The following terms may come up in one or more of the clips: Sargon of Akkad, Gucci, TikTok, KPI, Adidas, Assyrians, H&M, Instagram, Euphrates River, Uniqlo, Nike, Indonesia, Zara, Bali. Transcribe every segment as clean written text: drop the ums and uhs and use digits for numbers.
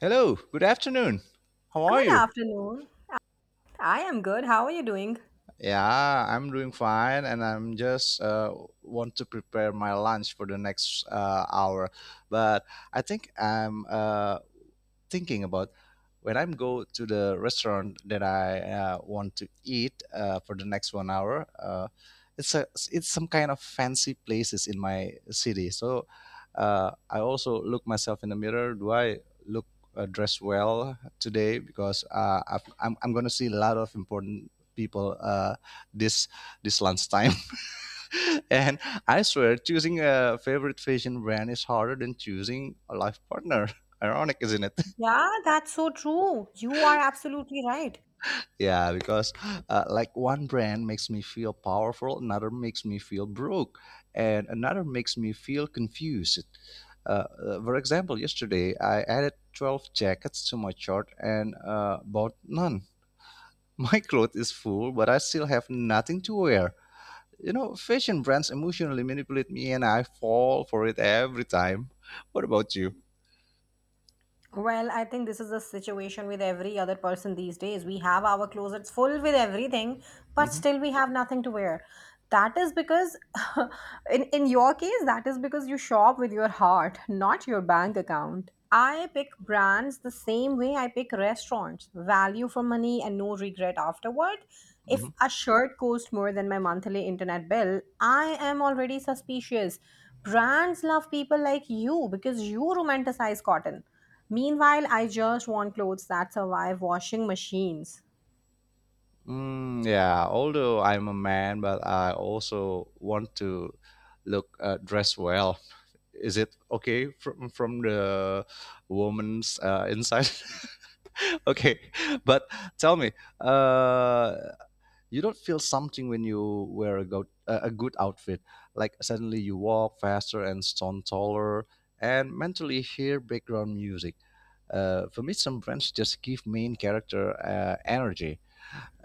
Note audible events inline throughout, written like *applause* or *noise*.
Hello, good afternoon. How are Good you? afternoon. I am good. How are you doing? Yeah, I'm doing fine, and I'm just want to prepare my lunch for the next hour. But I think I'm thinking about when I'm go to the restaurant that I want to eat for the next 1 hour. It's a it's some kind of fancy places in my city. So I also look myself in the mirror. Do I look dressed well today? Because I'm going to see a lot of important people this lunchtime. *laughs* And I swear, choosing a favorite fashion brand is harder than choosing a life partner. *laughs* Ironic, isn't it? Yeah, that's so true. You are absolutely right. Yeah, because like one brand makes me feel powerful, another makes me feel broke, and another makes me feel confused. For example, yesterday I added 12 jackets to my chart and bought none. *laughs* My cloth is full, but I still have nothing to wear. You know, fashion brands emotionally manipulate me and I fall for it every time. What about you? Well, I think this is the situation with every other person these days. We have our closets full with everything, but Mm-hmm. still we have nothing to wear. That is because, *laughs* in your case, that is because you shop with your heart, not your bank account. I pick brands the same way I pick restaurants value for money and no regret afterward. Mm-hmm. If a shirt costs more than my monthly internet bill, I am already suspicious. Brands love people like you because you romanticize cotton. Meanwhile, I just want clothes that survive washing machines. Mm, yeah, although I'm a man, but I also want to look dress well. Is it okay from the woman's inside? *laughs* Okay, but tell me, uh, you don't feel something when you wear a good a good outfit? Like suddenly you walk faster and stand taller, and mentally hear background music. For me, some brands just give main character energy.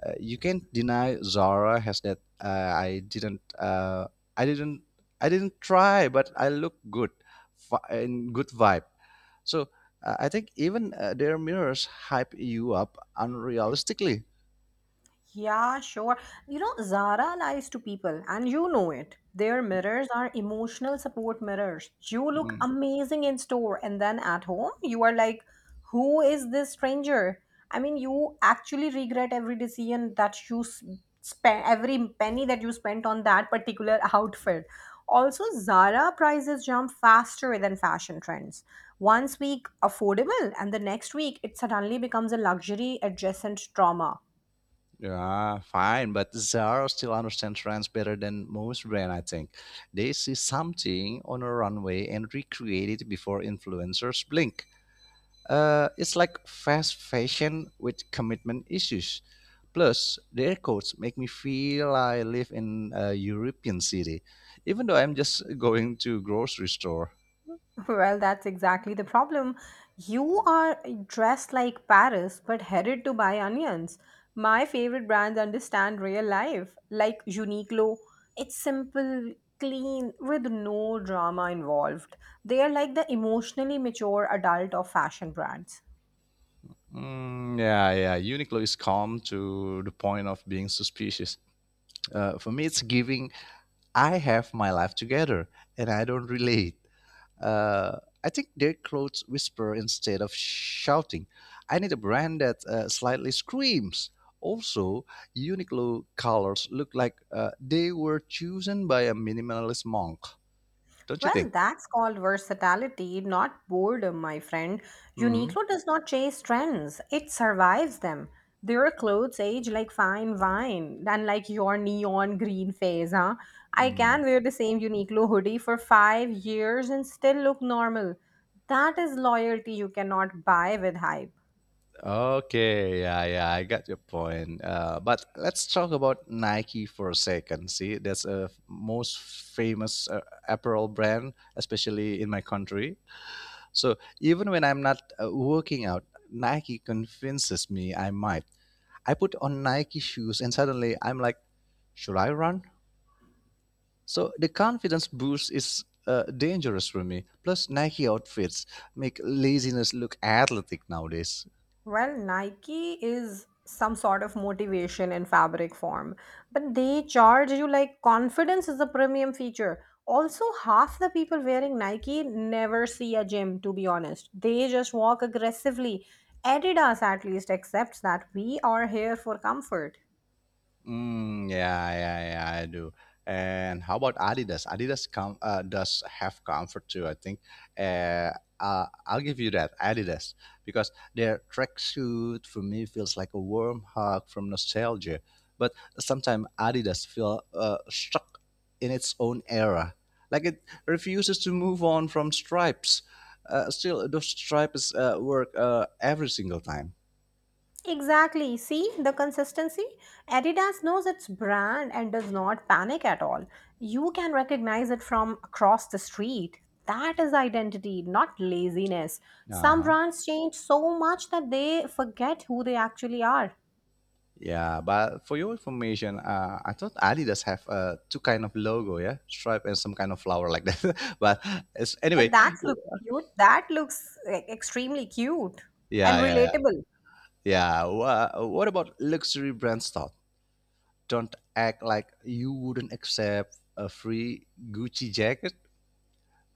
You can't deny Zara has that. I didn't. I didn't try, but I look good, in good vibe. So I think even their mirrors hype you up unrealistically. Yeah, sure. You know, Zara lies to people, and you know it. Their mirrors are emotional support mirrors. You look Mm, amazing in store, and then at home, you are like, who is this stranger? I mean, you actually regret every decision that you spend, every penny that you spent on that particular *laughs* outfit. Also, Zara prices jump faster than fashion trends. Once week affordable, and the next week it suddenly becomes a luxury adjacent trauma. yeah, fine, but Zara still understands trends better than most brands. I think they see something on a runway and recreate it before influencers blink. It's like fast fashion with commitment issues. Plus, the aircodes make me feel I live in a European city, even though I'm just going to grocery store. *laughs* Well, that's exactly the problem. You are dressed like Paris but headed to buy onions. My favorite brands understand real life, like Uniqlo. It's simple, clean, with no drama involved. They are like the emotionally mature adult of fashion brands. Mm, yeah, yeah. Uniqlo is calm to the point of being suspicious. For me, it's giving I have my life together and I don't relate. I think their clothes whisper instead of shouting. I need a brand that slightly screams. Also, Uniqlo colors look like they were chosen by a minimalist monk. Don't you Well, think? that's called versatility, not boredom, my friend. Hmm. Uniqlo does not chase trends, it survives them. Their clothes age like fine wine and like your neon green phase, huh? I Mm. can wear the same Uniqlo hoodie for 5 years and still look normal. That is loyalty you cannot buy with hype. Okay, yeah, yeah, I got your point. But let's talk about Nike for a second. See, that's most famous apparel brand, especially in my country. So even when I'm not working out, Nike convinces me I might. I put on Nike shoes and suddenly I'm like, should I run? So the confidence boost is dangerous for me. Plus, Nike outfits make laziness look athletic nowadays. Well, Nike is some sort of motivation in fabric form, but they charge you like confidence is a premium feature. Also, half the people wearing Nike never see a gym, to be honest. They just walk aggressively. Adidas at least accepts that we are here for comfort. Mm, yeah, yeah, yeah, I do. And how about Adidas? Adidas does have comfort too, I think. Uh, I'll give you that, Adidas, because their tracksuit for me feels like a warm hug from nostalgia. But sometimes Adidas feel stuck in its own era, like it refuses to move on from stripes. Still, those stripes work every single time. Exactly. See the consistency? Adidas knows its brand and does not panic at all. You can recognize it from across the street. That is identity, not laziness. Uh Some huh. brands change so much that they forget who they actually are. Yeah, but for your information, I thought Adidas have two kind of logo, yeah, stripe and some kind of flower like that. *laughs* But it's, But anyway, that w- looks cute. That looks like, extremely cute and yeah, yeah, yeah, relatable. yeah. What about luxury brands? Thought, don't act like you wouldn't accept a free Gucci jacket.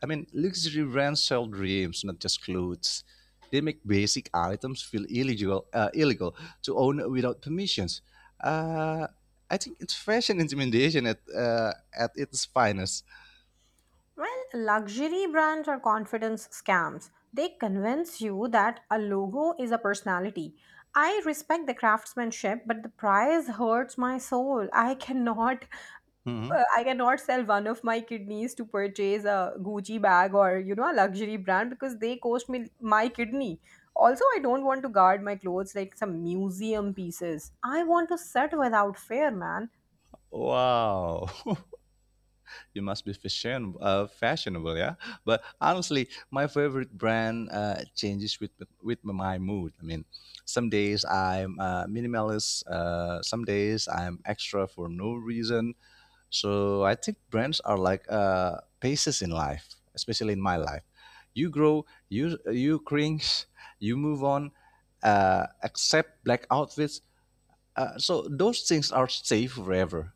I mean, luxury brands sell dreams, not just clothes. They make basic items feel illegal to own without permissions. Uh, I think it's fashion intimidation at its finest. Well, luxury brands are confidence scams. They convince you that a logo is a personality. I respect the craftsmanship, but the price hurts my soul. I cannot. *laughs* Mhm. I cannot sell one of my kidneys to purchase a Gucci bag or you know a luxury brand because they cost me my kidney. Also, I don't want to guard my clothes like some museum pieces. I want to sit without fear, man. Wow. *laughs* You must be fashionable, yeah, but honestly my favorite brand changes with my mood. I mean, some days I'm minimalist, some days I'm extra for no reason. So I think brands are like paces in life, especially in my life. You grow, you cringe, you move on, accept black outfits, so those things are safe forever.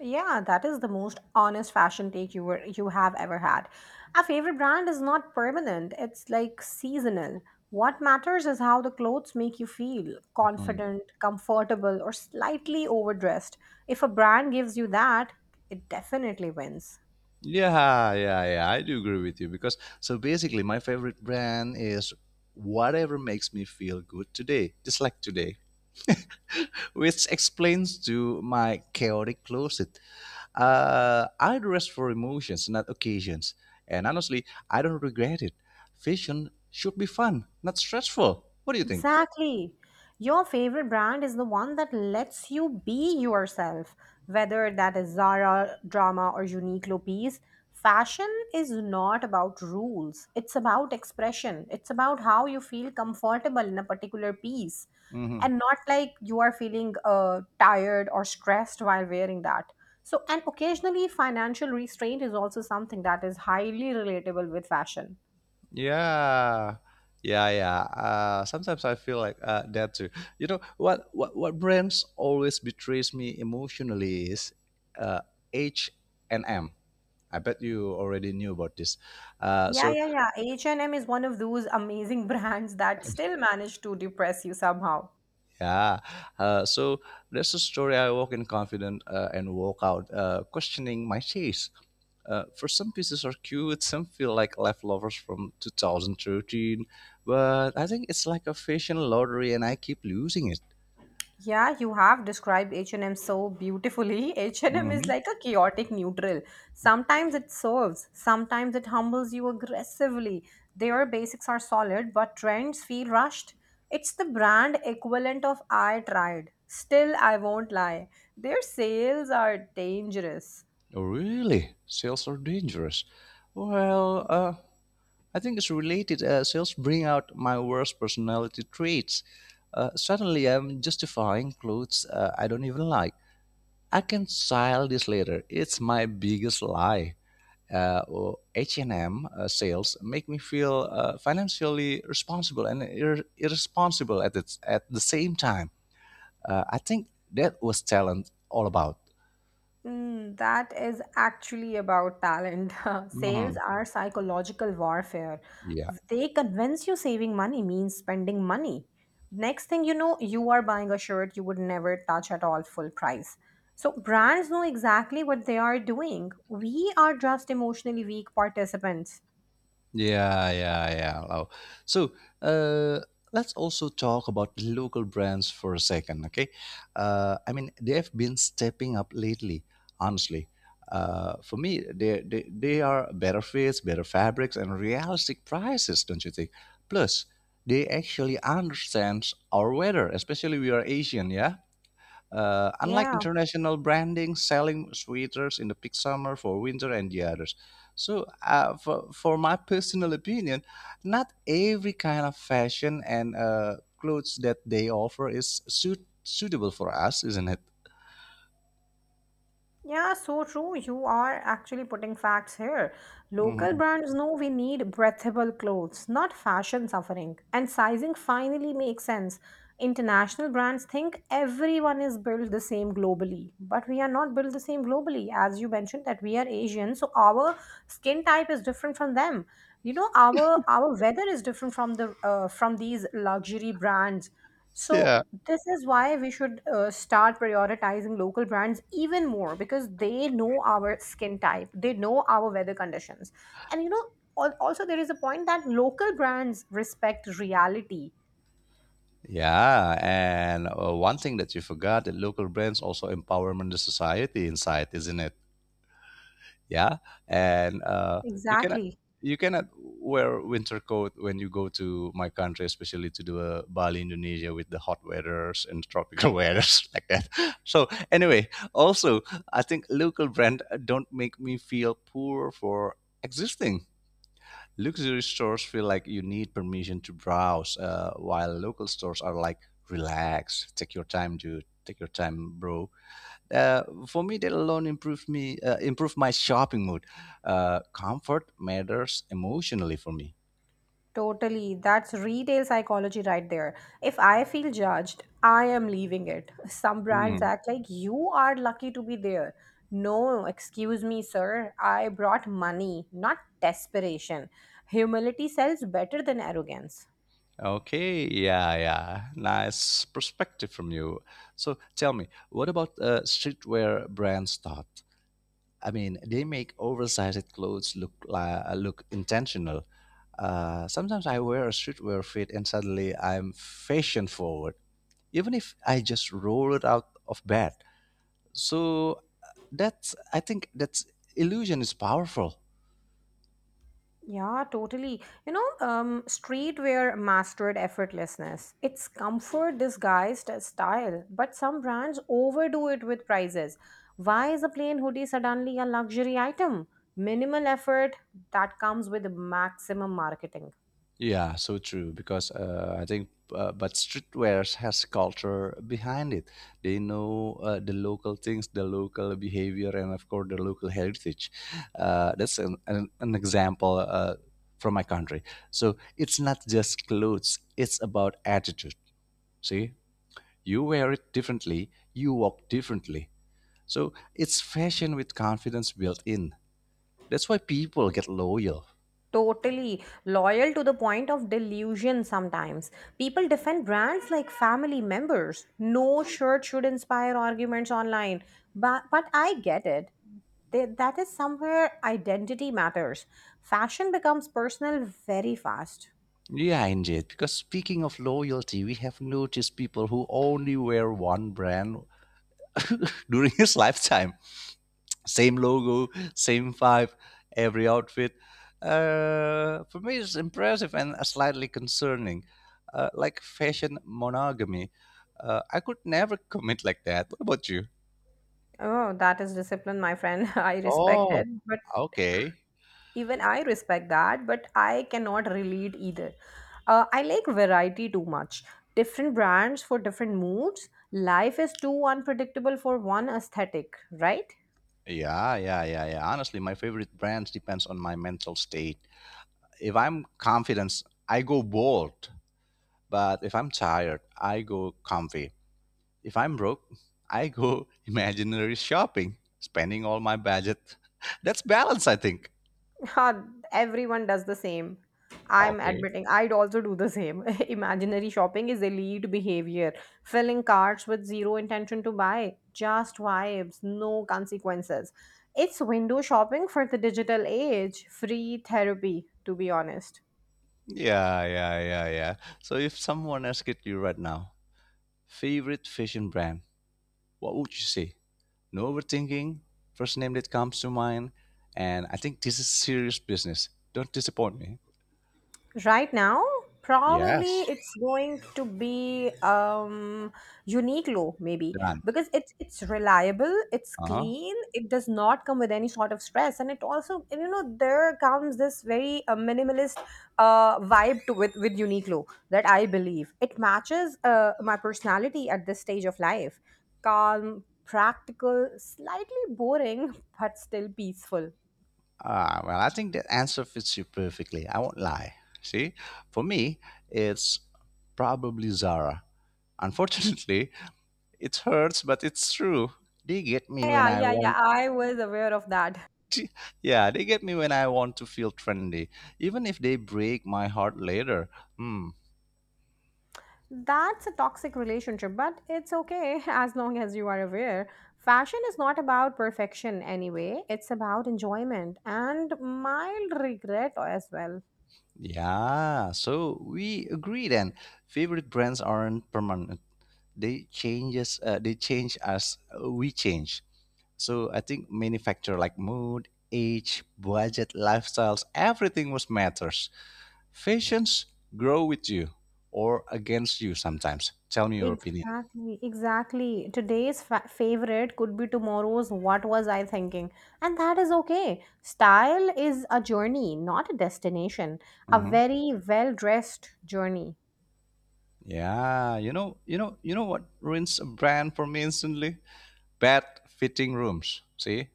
Yeah, that is the most honest fashion take you have ever had. Our favorite brand is not permanent, it's like seasonal. What matters is how the clothes make you feel Mm-hmm. confident, comfortable, or slightly overdressed. If a brand gives you that, it definitely wins. Yeah, yeah, yeah. I do agree with you because so basically my favorite brand is whatever makes me feel good today, just like today, *laughs* which explains to my chaotic closet. I dress for emotions, not occasions. And honestly, I don't regret it. Fashion should be fun, not stressful. What do you think? Exactly. Your favorite brand is the one that lets you be yourself, whether that is Zara, Drama, or Uniqlo piece. Fashion is not about rules, it's about expression. It's about how you feel comfortable in a particular piece Mm-hmm. and not like you are feeling tired or stressed while wearing that. So, and occasionally, financial restraint is also something that is highly relatable with fashion. Yeah. Yeah, yeah. Sometimes I feel like that too. You know what? What brands always betrays me emotionally is uh, H and M. I bet you already knew about this. Uh, Yeah, so yeah, yeah. H&M is one of those amazing *laughs* brands that still manage to depress you somehow. yeah, uh, so there's a story. I walk in confident and walk out questioning my taste. For some pieces are cute, some feel like leftovers from 2013, but I think it's like a fashion lottery and I keep losing it. Yeah, you have described H&M so beautifully. *laughs* H&M is Mhm. like a chaotic neutral. Sometimes it serves, sometimes it humbles you aggressively. Their basics are solid, but trends feel rushed. It's the brand equivalent of I tried. Still, I won't lie. Their sales are dangerous. Oh, really? Sales are dangerous. Well, I think it's related. Sales bring out my worst personality traits. Suddenly, I'm justifying clothes I don't even like. I can style this later. It's my biggest lie. Or H&M sales make me feel financially responsible and irresponsible at at the same time. I think that was talent all about. Mm, that is actually about talent. *laughs* Sales Mhm. are psychological warfare. Yeah. They convince you saving money means spending money. Next thing you know, you are buying a shirt you would never touch at all full price. So brands know exactly what they are doing. We are just emotionally weak participants. Yeah, yeah, yeah. Wow. So uh, let's also talk about local brands for a second, okay? I mean, they have been stepping up lately, honestly. For me, they are better fits, better fabrics, and realistic prices, don't you think? Plus, they actually understand our weather, especially we are Asian, yeah? Unlike Yeah. international branding, selling sweaters in the peak summer for winter and the others. So, for my personal opinion, not every kind of fashion and clothes that they offer is suitable for us, isn't it? Yeah, so true. You are actually putting facts here. Local Mhm. brands know we need breathable clothes, not fashion suffering. And sizing finally makes sense. International brands think everyone is built the same globally, but we are not built the same globally. As you mentioned that we are Asian, so our skin type is different from them. You know, our weather is different from the from these luxury brands. So Yeah. this is why we should start prioritizing local brands even more because they know our skin type, they know our weather conditions. And you know, also there is a point that local brands respect reality. Yeah, and one thing that you forgot that local brands also empowerment the society inside, isn't it? Yeah, and you cannot Exactly. you cannot wear winter coat when you go to my country, especially to the Bali Indonesia, with the hot weathers and tropical *laughs* weathers like that. So anyway, also I think local brand don't make me feel poor for existing. Luxury stores feel like you need permission to browse, while local stores are like relax, take your time dude, take your time bro. For me, that alone improved me, improved my shopping mood. Comfort matters emotionally for me. Totally. That's retail psychology right there. If I feel judged, I am leaving it. *laughs* Some brands Mhm. act like you are lucky to be there. No, excuse me, sir. I brought money, not desperation. Humility sells better than arrogance. Okay, yeah, yeah. Nice perspective from you. So tell me, what about streetwear brands thought? I mean, they make oversized clothes look like, look intentional. Sometimes I wear a streetwear fit and suddenly I'm fashion forward, even if I just roll it out of bed. So That's I think that's illusion is powerful. Yeah, totally. You know, streetwear mastered effortlessness. It's comfort disguised as style, but some brands overdo it with prices. Why is a plain hoodie suddenly a luxury item? Minimal effort that comes with maximum marketing. Yeah, so true because I think but streetwear has culture behind it. They know the local things, the local behavior, and of course the local heritage. That's an example from my country. So it's not just clothes; it's about attitude. See, you wear it differently, you walk differently. So it's fashion with confidence built in. That's why people get loyal. Totally loyal to the point of delusion sometimes. People defend brands like family members. No shirt should inspire arguments online. But I get it. They, that is somewhere identity matters. Fashion becomes personal very fast. Yeah, indeed. Because speaking of loyalty, we have noticed people who only wear one brand *laughs* during his lifetime. Same logo, same vibe, every outfit. For me, it's impressive and slightly concerning. Like fashion monogamy. I could never commit like that. What about you? Oh, that is discipline, my friend. *laughs* I respect Oh, it. But okay. even I respect that, but I cannot relate either. I like variety too much. Different brands for different moods, life is too unpredictable for one aesthetic, right? *laughs* Yeah, yeah, yeah, yeah. Honestly, my favorite brands depends on my mental state. If I'm confident, I go bold. But if I'm tired, I go comfy. If I'm broke, I go *laughs* imaginary shopping, spending all my budget. *laughs* That's balance, I think. Ha, everyone does the same. I'm Okay. admitting I'd also do the same. *laughs* Imaginary shopping is elite behavior, filling carts with zero intention to buy, just vibes, no consequences. It's window shopping for the digital age, free therapy, to be honest. Yeah, yeah, yeah, yeah. So if someone asked you right now, favorite fashion brand, what would you say? No overthinking. First name that comes to mind, and I think this is serious business. Don't disappoint me. Right now, probably Yes. it's going to be Uniqlo, maybe, Done. because it's reliable, it's Uh huh. clean, it does not come with any sort of stress, and it also, and you know, there comes this very minimalist vibe to, with Uniqlo, that I believe it matches my personality at this stage of life, calm, practical, slightly boring, *laughs* but still peaceful. Ah, well, I think that answer fits you perfectly. I won't lie. See, for me, it's probably Zara. Unfortunately, *laughs* it hurts, but it's true. They get me when Yeah, I yeah, yeah. want. *laughs* I was aware of that. *laughs* To, yeah, they get me when I want to feel trendy, even if they break my heart later. Hmm. That's a toxic relationship, but it's okay *laughs* as long as you are aware. Fashion is not about perfection anyway, it's about enjoyment and mild regret as well. Yeah. So we agree then. Favorite brands aren't permanent. They changes. They change as we change. So I think many factor like mood, age, budget, lifestyles, everything was matters. Fashions grow with you or against you sometimes. Tell me your opinion. Exactly, exactly. Favorite could be tomorrow's what was I thinking? And that is okay. Style is a journey, not a destination. A Hmm. very well dressed journey. Yeah, you know what ruins a brand for me instantly? Bad fitting rooms. See,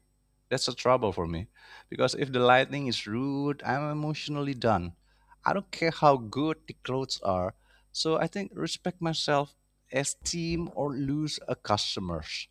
that's a trouble for me because if the lighting is rude, I'm emotionally done. I don't care how good the clothes are. So I think respect myself, esteem, or lose a customers.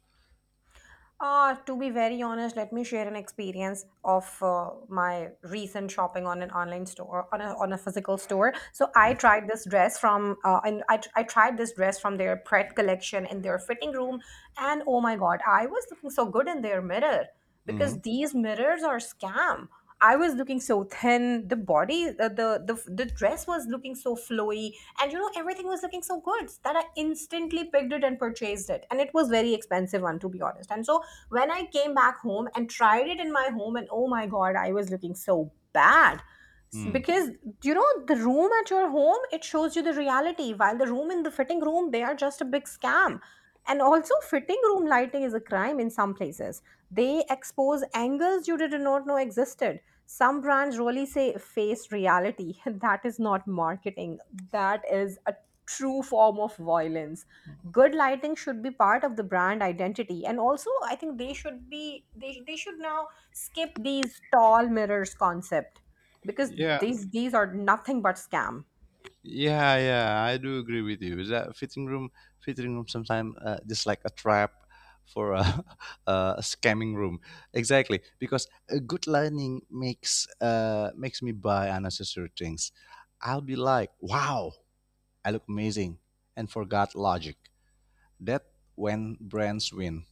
To be very honest, let me share an experience of my recent shopping on an online store, on on a physical store. So I tried this dress from, I tried this dress from their Pret collection in their fitting room, and oh my God, I was looking so good in their mirror Mm-hmm. because these mirrors are scam. I was looking so thin. The body, The dress was looking so flowy, and you know everything was looking so good that I instantly picked it and purchased it. And it was very expensive one, to be honest. And so when I came back home and tried it in my home, and oh my god, I was looking so bad. Because you know the room at your home, it shows you the reality, while the room in the fitting room, they are just a big scam. And also fitting room lighting is a crime in some places. They expose angles you did not know existed. Some brands really say face reality. *laughs* That is not marketing, that is a true form of violence. Good lighting should be part of the brand identity. And also I think they should now skip these tall mirrors concept, because Yeah. these are nothing but scam. Yeah, yeah, I do agree with you. That fitting room, sometimes just like a trap for a, *laughs* a scamming room. Exactly, because a good learning makes makes me buy unnecessary things. I'll be like, wow, I look amazing, and forgot logic. That when brands win,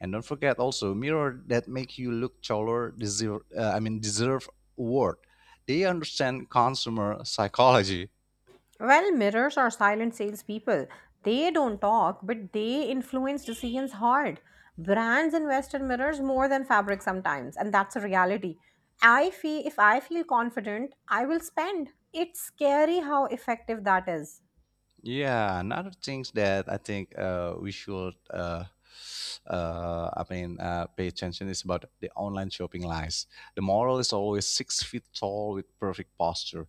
and don't forget also mirror that make you look taller. Deserve, deserve award. They understand consumer psychology. Well, mirrors are silent salespeople. They don't talk, but they influence decisions hard. Brands invest in mirrors more than fabric sometimes, and that's a reality. I feel if I feel confident, I will spend. It's scary how effective that is. Yeah, another things that I think we should, I mean, pay attention is about the online shopping lies. The moral is always 6 feet tall with perfect posture.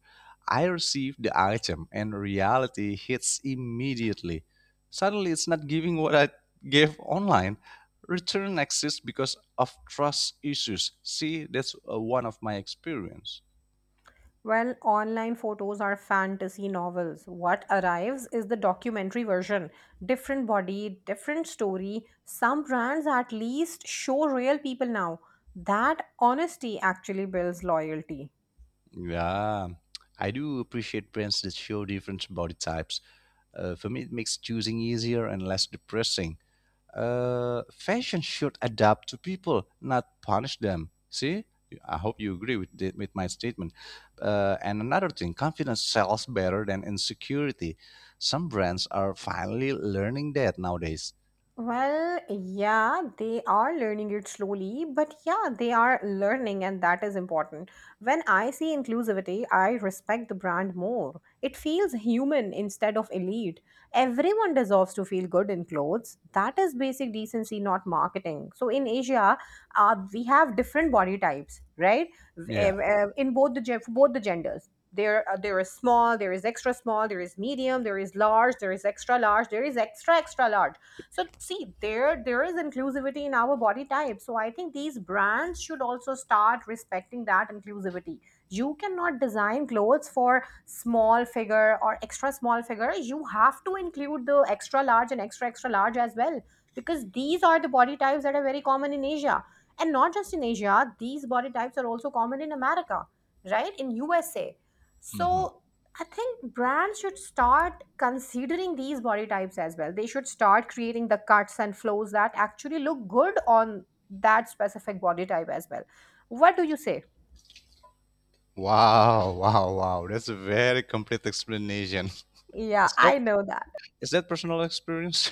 I receive the item and reality hits immediately. Suddenly, it's not giving what I gave online. Return exists because of trust issues. See, that's one of my experience. Well, online photos are fantasy novels. What arrives is the documentary version. Different body, different story. Some brands at least show real people now. That honesty actually builds loyalty. Yeah. I do appreciate brands that show different body types for me, it makes choosing easier and less depressing. Fashion should adapt to people, not punish them. See, I hope you agree with the, with my statement. And another thing, confidence sells better than insecurity. Some brands are finally learning that nowadays. Well, yeah, they are learning it slowly, but yeah, they are learning, and that is important. When I see inclusivity, I respect the brand more. It feels human instead of elite. Everyone deserves to feel good in clothes. That is basic decency, not marketing. So in Asia, we have different body types, right? Yeah. In both the for both the genders there there is small, there is extra small, there is medium, there is large, there is extra large, there is extra extra large. So see, there is inclusivity in our body type, so I think these brands should also start respecting that inclusivity. You cannot design clothes for small figure or extra small figure, you have to include the extra large and extra extra large as well, because these are the body types that are very common in Asia. And not just in Asia, these body types are also common in America, right? In USA. Hmm. So I think brands should start considering these body types as well. They should start creating the cuts and flows that actually look good on that specific body type as well. What do you say? Wow, wow, wow. That's a very complete explanation. *laughs* Yeah, Is that I know that. is that personal experience?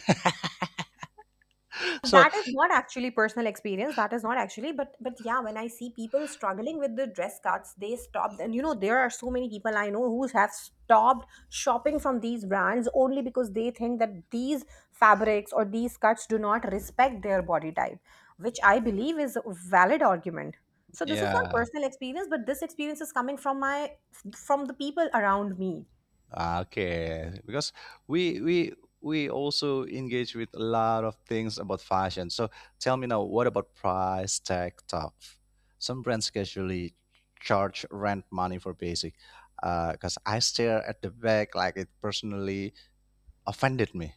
*laughs* so That is not actually personal experience. That is not actually, but yeah, when I see people struggling with the dress cuts, they stopped. And you know, there are so many people I know who have stopped shopping from these brands only because they think that these fabrics or these cuts do not respect their body type, which I believe is a valid argument. So this is not yeah. personal experience, but this experience is coming from my, from the people around me. Ah, okay, because we we we also engage with a lot of things about fashion. So tell me now, what about price tag talk? Some brands casually charge rent money for basic. Because I stare at the bag, like it personally offended me.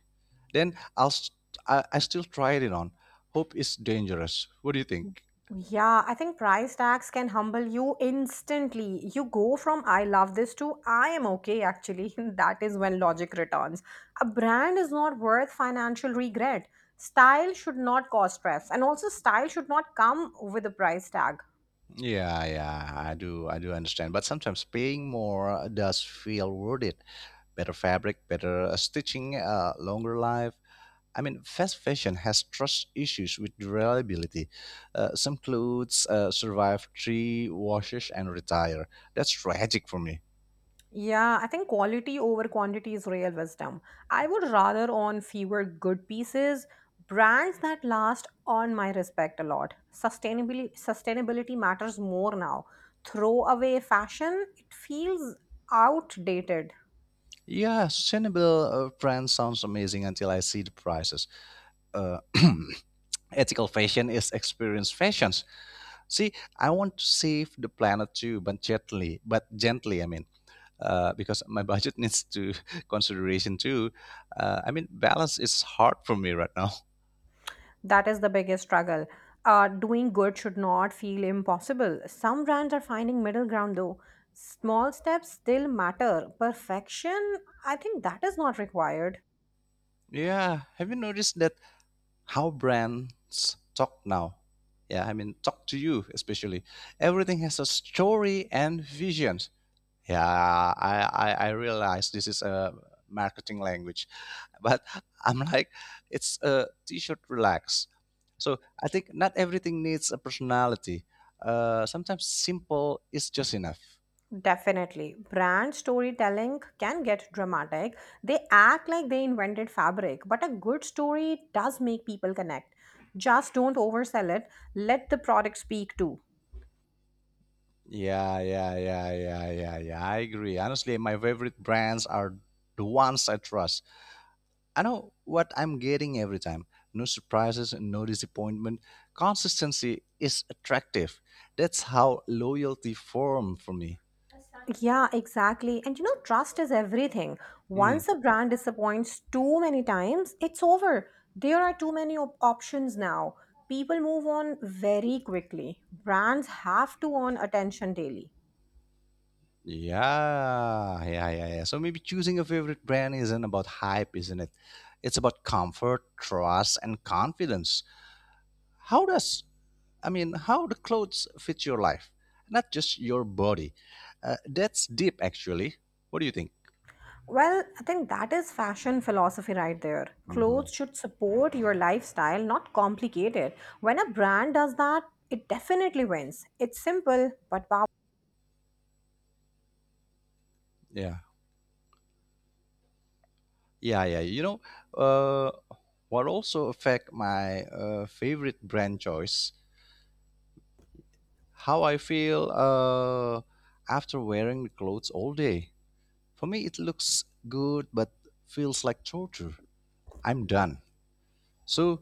Then I'll st- I still try it on. Hope is dangerous. What do you think? Yeah, I think price tags can humble you instantly. You go from I love this to I am okay, actually. *laughs* That is when logic returns. A brand is not worth financial regret. Style should not cause stress, and also, style should not come with a price tag. Yeah, yeah, I do understand. But sometimes paying more does feel worth it. Better fabric, better stitching, longer life. I mean, fast fashion has trust issues with reliability. Some clothes survive three washes and retire. That's tragic for me. Yeah, I think quality over quantity is real wisdom. I would rather own fewer good pieces, brands that last earn my respect a lot. Sustainability matters more now. Throw away fashion, it feels outdated. Yeah, sustainable brand sounds amazing until I see the prices. Uh, *clears throat* ethical fashion is experience fashions. See, I want to save the planet too, but gently. But gently, I mean. Because my budget needs to *laughs* consideration too. Balance is hard for me right now. *laughs* That is the biggest struggle. Doing good should not feel impossible. Some brands are finding middle ground though. Small steps still matter. Perfection, I think that is not required. Yeah, have you noticed that how brands talk now? Yeah, I mean, talk to you especially. Everything has a story and visions. Yeah, I realize this is a marketing language, but *laughs* I'm like, it's a t-shirt relax. So I think not everything needs a personality. Sometimes simple is just enough. Definitely. Brand storytelling can get dramatic. They act like they invented fabric, but a good story does make people connect. Just don't oversell it. Let the product speak too. Yeah, yeah, yeah, yeah, yeah, yeah, I agree. Honestly, my favorite brands are the ones I trust. I know what I'm getting every time. No surprises, no disappointment. Consistency is attractive. That's how loyalty formed for me. Yeah, exactly. And you know, trust is everything. Mm. Once a brand disappoints too many times, it's over. There are too many options now. People move on very quickly. Brands have to earn attention daily. Yeah, yeah, yeah, yeah. So maybe choosing a favorite brand isn't about hype, isn't it? It's about comfort, trust, and confidence. How does I mean, how the clothes fit your life, not just your body. That's deep, actually. What do you think? Well, I think that is fashion philosophy right there. Mhm. Clothes should support your lifestyle, not complicate it. When a brand does that, it definitely wins. It's simple, but powerful. Yeah, yeah, yeah. You know, uh, what also affect my favorite brand choice, how I feel after wearing the clothes all day. For me, it looks good, but feels like torture. I'm done. So,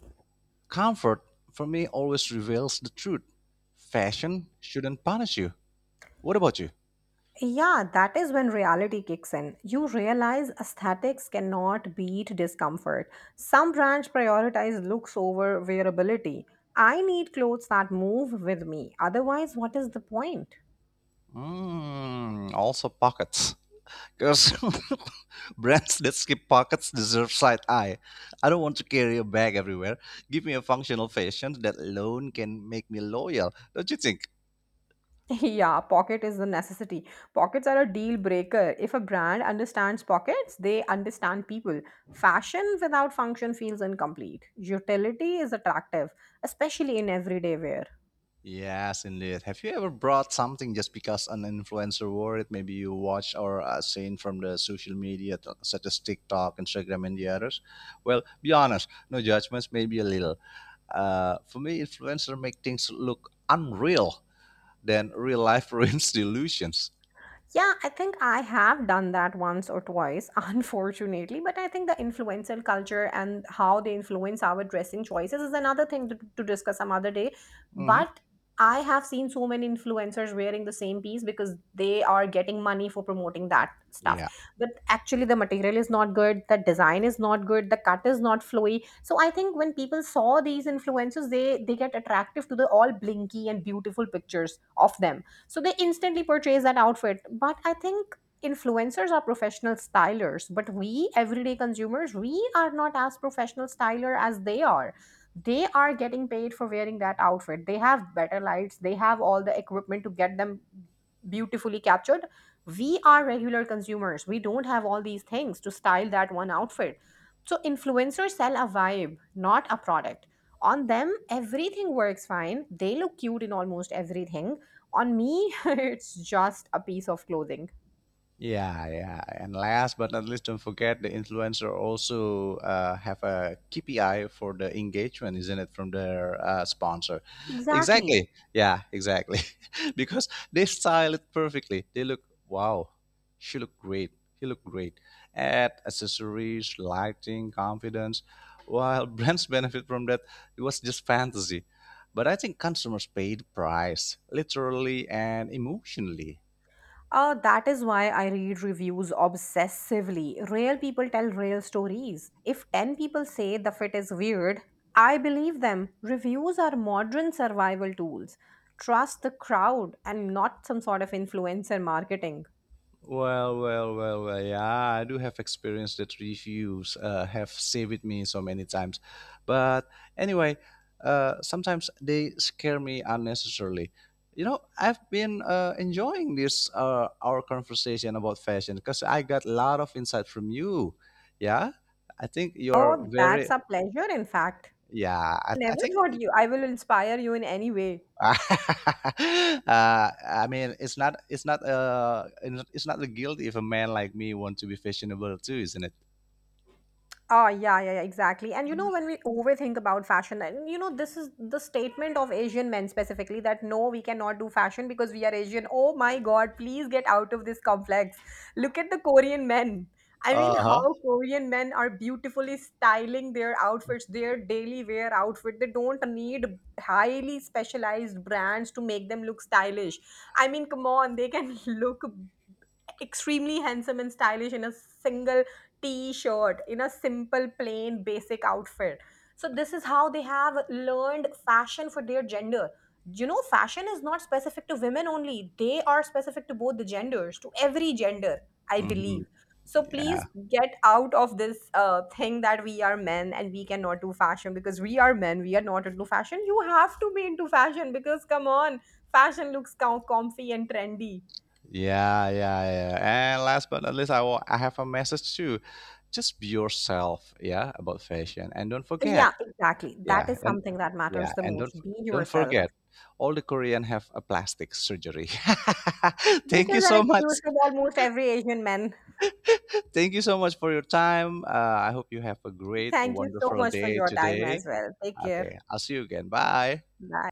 comfort for me always reveals the truth. Fashion shouldn't punish you. What about you? Yeah, that is when reality kicks in. You realize aesthetics cannot beat discomfort. Some brands prioritize looks over wearability. I need clothes that move with me. Otherwise, what is the point? Mm, also pockets. Because *laughs* brands that skip pockets deserve side eye. I don't want to carry a bag everywhere. Give me a functional fashion that alone can make me loyal. Don't you think? *laughs* Yeah, pocket is the necessity. Pockets are a deal breaker. If a brand understands pockets, they understand people. Fashion without function feels incomplete. Utility is attractive, especially in everyday wear. Yes, indeed. Have you ever brought something just because an influencer wore it? Maybe you watch or seen from the social media, such as TikTok, Instagram, and the others. Well, be honest. No judgments. Maybe a little. For me, influencer make things look unreal than real life. *laughs* Ruins delusions. Yeah, I think I have done that once or twice, *laughs* unfortunately. But I think the influencer culture and how they influence our dressing choices is another thing to discuss some other day. Hmm. But I have seen so many influencers wearing the same piece because they are getting money for promoting that stuff. Yeah. But actually, the material is not good, the design is not good, the cut is not flowy. So I think when people saw these influencers, they get attractive to the all blinky and beautiful pictures of them, so they instantly purchase that outfit. But I think influencers are professional stylers, but we everyday consumers, we are not as professional styler as they are. They are getting paid for wearing that outfit, they have better lights, they have all the equipment to get them beautifully captured. We are regular consumers, we don't have all these things to style that one outfit. So influencers sell a vibe, not a product. On them everything works fine, they look cute in almost everything. On me, *laughs* it's just a piece of clothing. Yeah, yeah. And last but not least, don't forget the influencer also have a KPI for the engagement, isn't it, from their sponsor? Exactly. Exactly. Yeah, exactly. *laughs* Because they style it perfectly. They look, wow, she look great. He look great. Add accessories, lighting, confidence. While *laughs* brands benefit from that, it was just fantasy. But I think consumers pay the price, literally and emotionally. That is why I read reviews obsessively. Real people tell real stories. If 10 people say the fit is weird, I believe them. Reviews are modern survival tools. Trust the crowd and not some sort of influencer marketing. Well, well, well, well. Yeah, I do have experience that reviews have saved me so many times. But anyway, sometimes they scare me unnecessarily. You know, I've been enjoying this our conversation about fashion because I got a lot of insight from you. Yeah, I think you're Oh, that's very. a pleasure, in fact. Yeah, I Never think thought you I will inspire you in any way. *laughs* uh, I mean, it's not, it's not, uh, it's not a guilt if a man like me want to be fashionable too, isn't it? Oh, yeah, yeah, yeah, exactly. And you know, when we overthink about fashion, and you know, this is the statement of Asian men specifically that no, we cannot do fashion because we are Asian. Oh my God, please get out of this complex. Look at the Korean men. I Uh mean, huh. how Korean men are beautifully styling their outfits, their daily wear outfit. They don't need highly specialized brands to make them look stylish. I mean, come on, they can *laughs* look extremely handsome and stylish in a single t shirt, in a simple, plain, basic outfit. So, this is how they have learned fashion for their gender. You know, fashion is not specific to women only, they are specific to both the genders, to every gender, I Hmm. believe. So Yeah, please get out of this thing that we are men and we cannot do fashion because we are men. We are not into fashion. You have to be into fashion because come on, fashion looks comfy and trendy. yeah, yeah, yeah. And last but not least, I have a message too. Just be yourself, yeah, about fashion, and don't Yeah, forget, exactly. yeah, That is and something that matters yeah, the and most. Be don't yourself. forget, all the Korean have a plastic surgery. *laughs* This Thank you is an so excuse much. for almost every Asian man. Thank you so much for your time. I hope you have a great, Thank you so wonderful much for day your time today. as well. Take care. Okay, I'll see you again. Bye. Bye.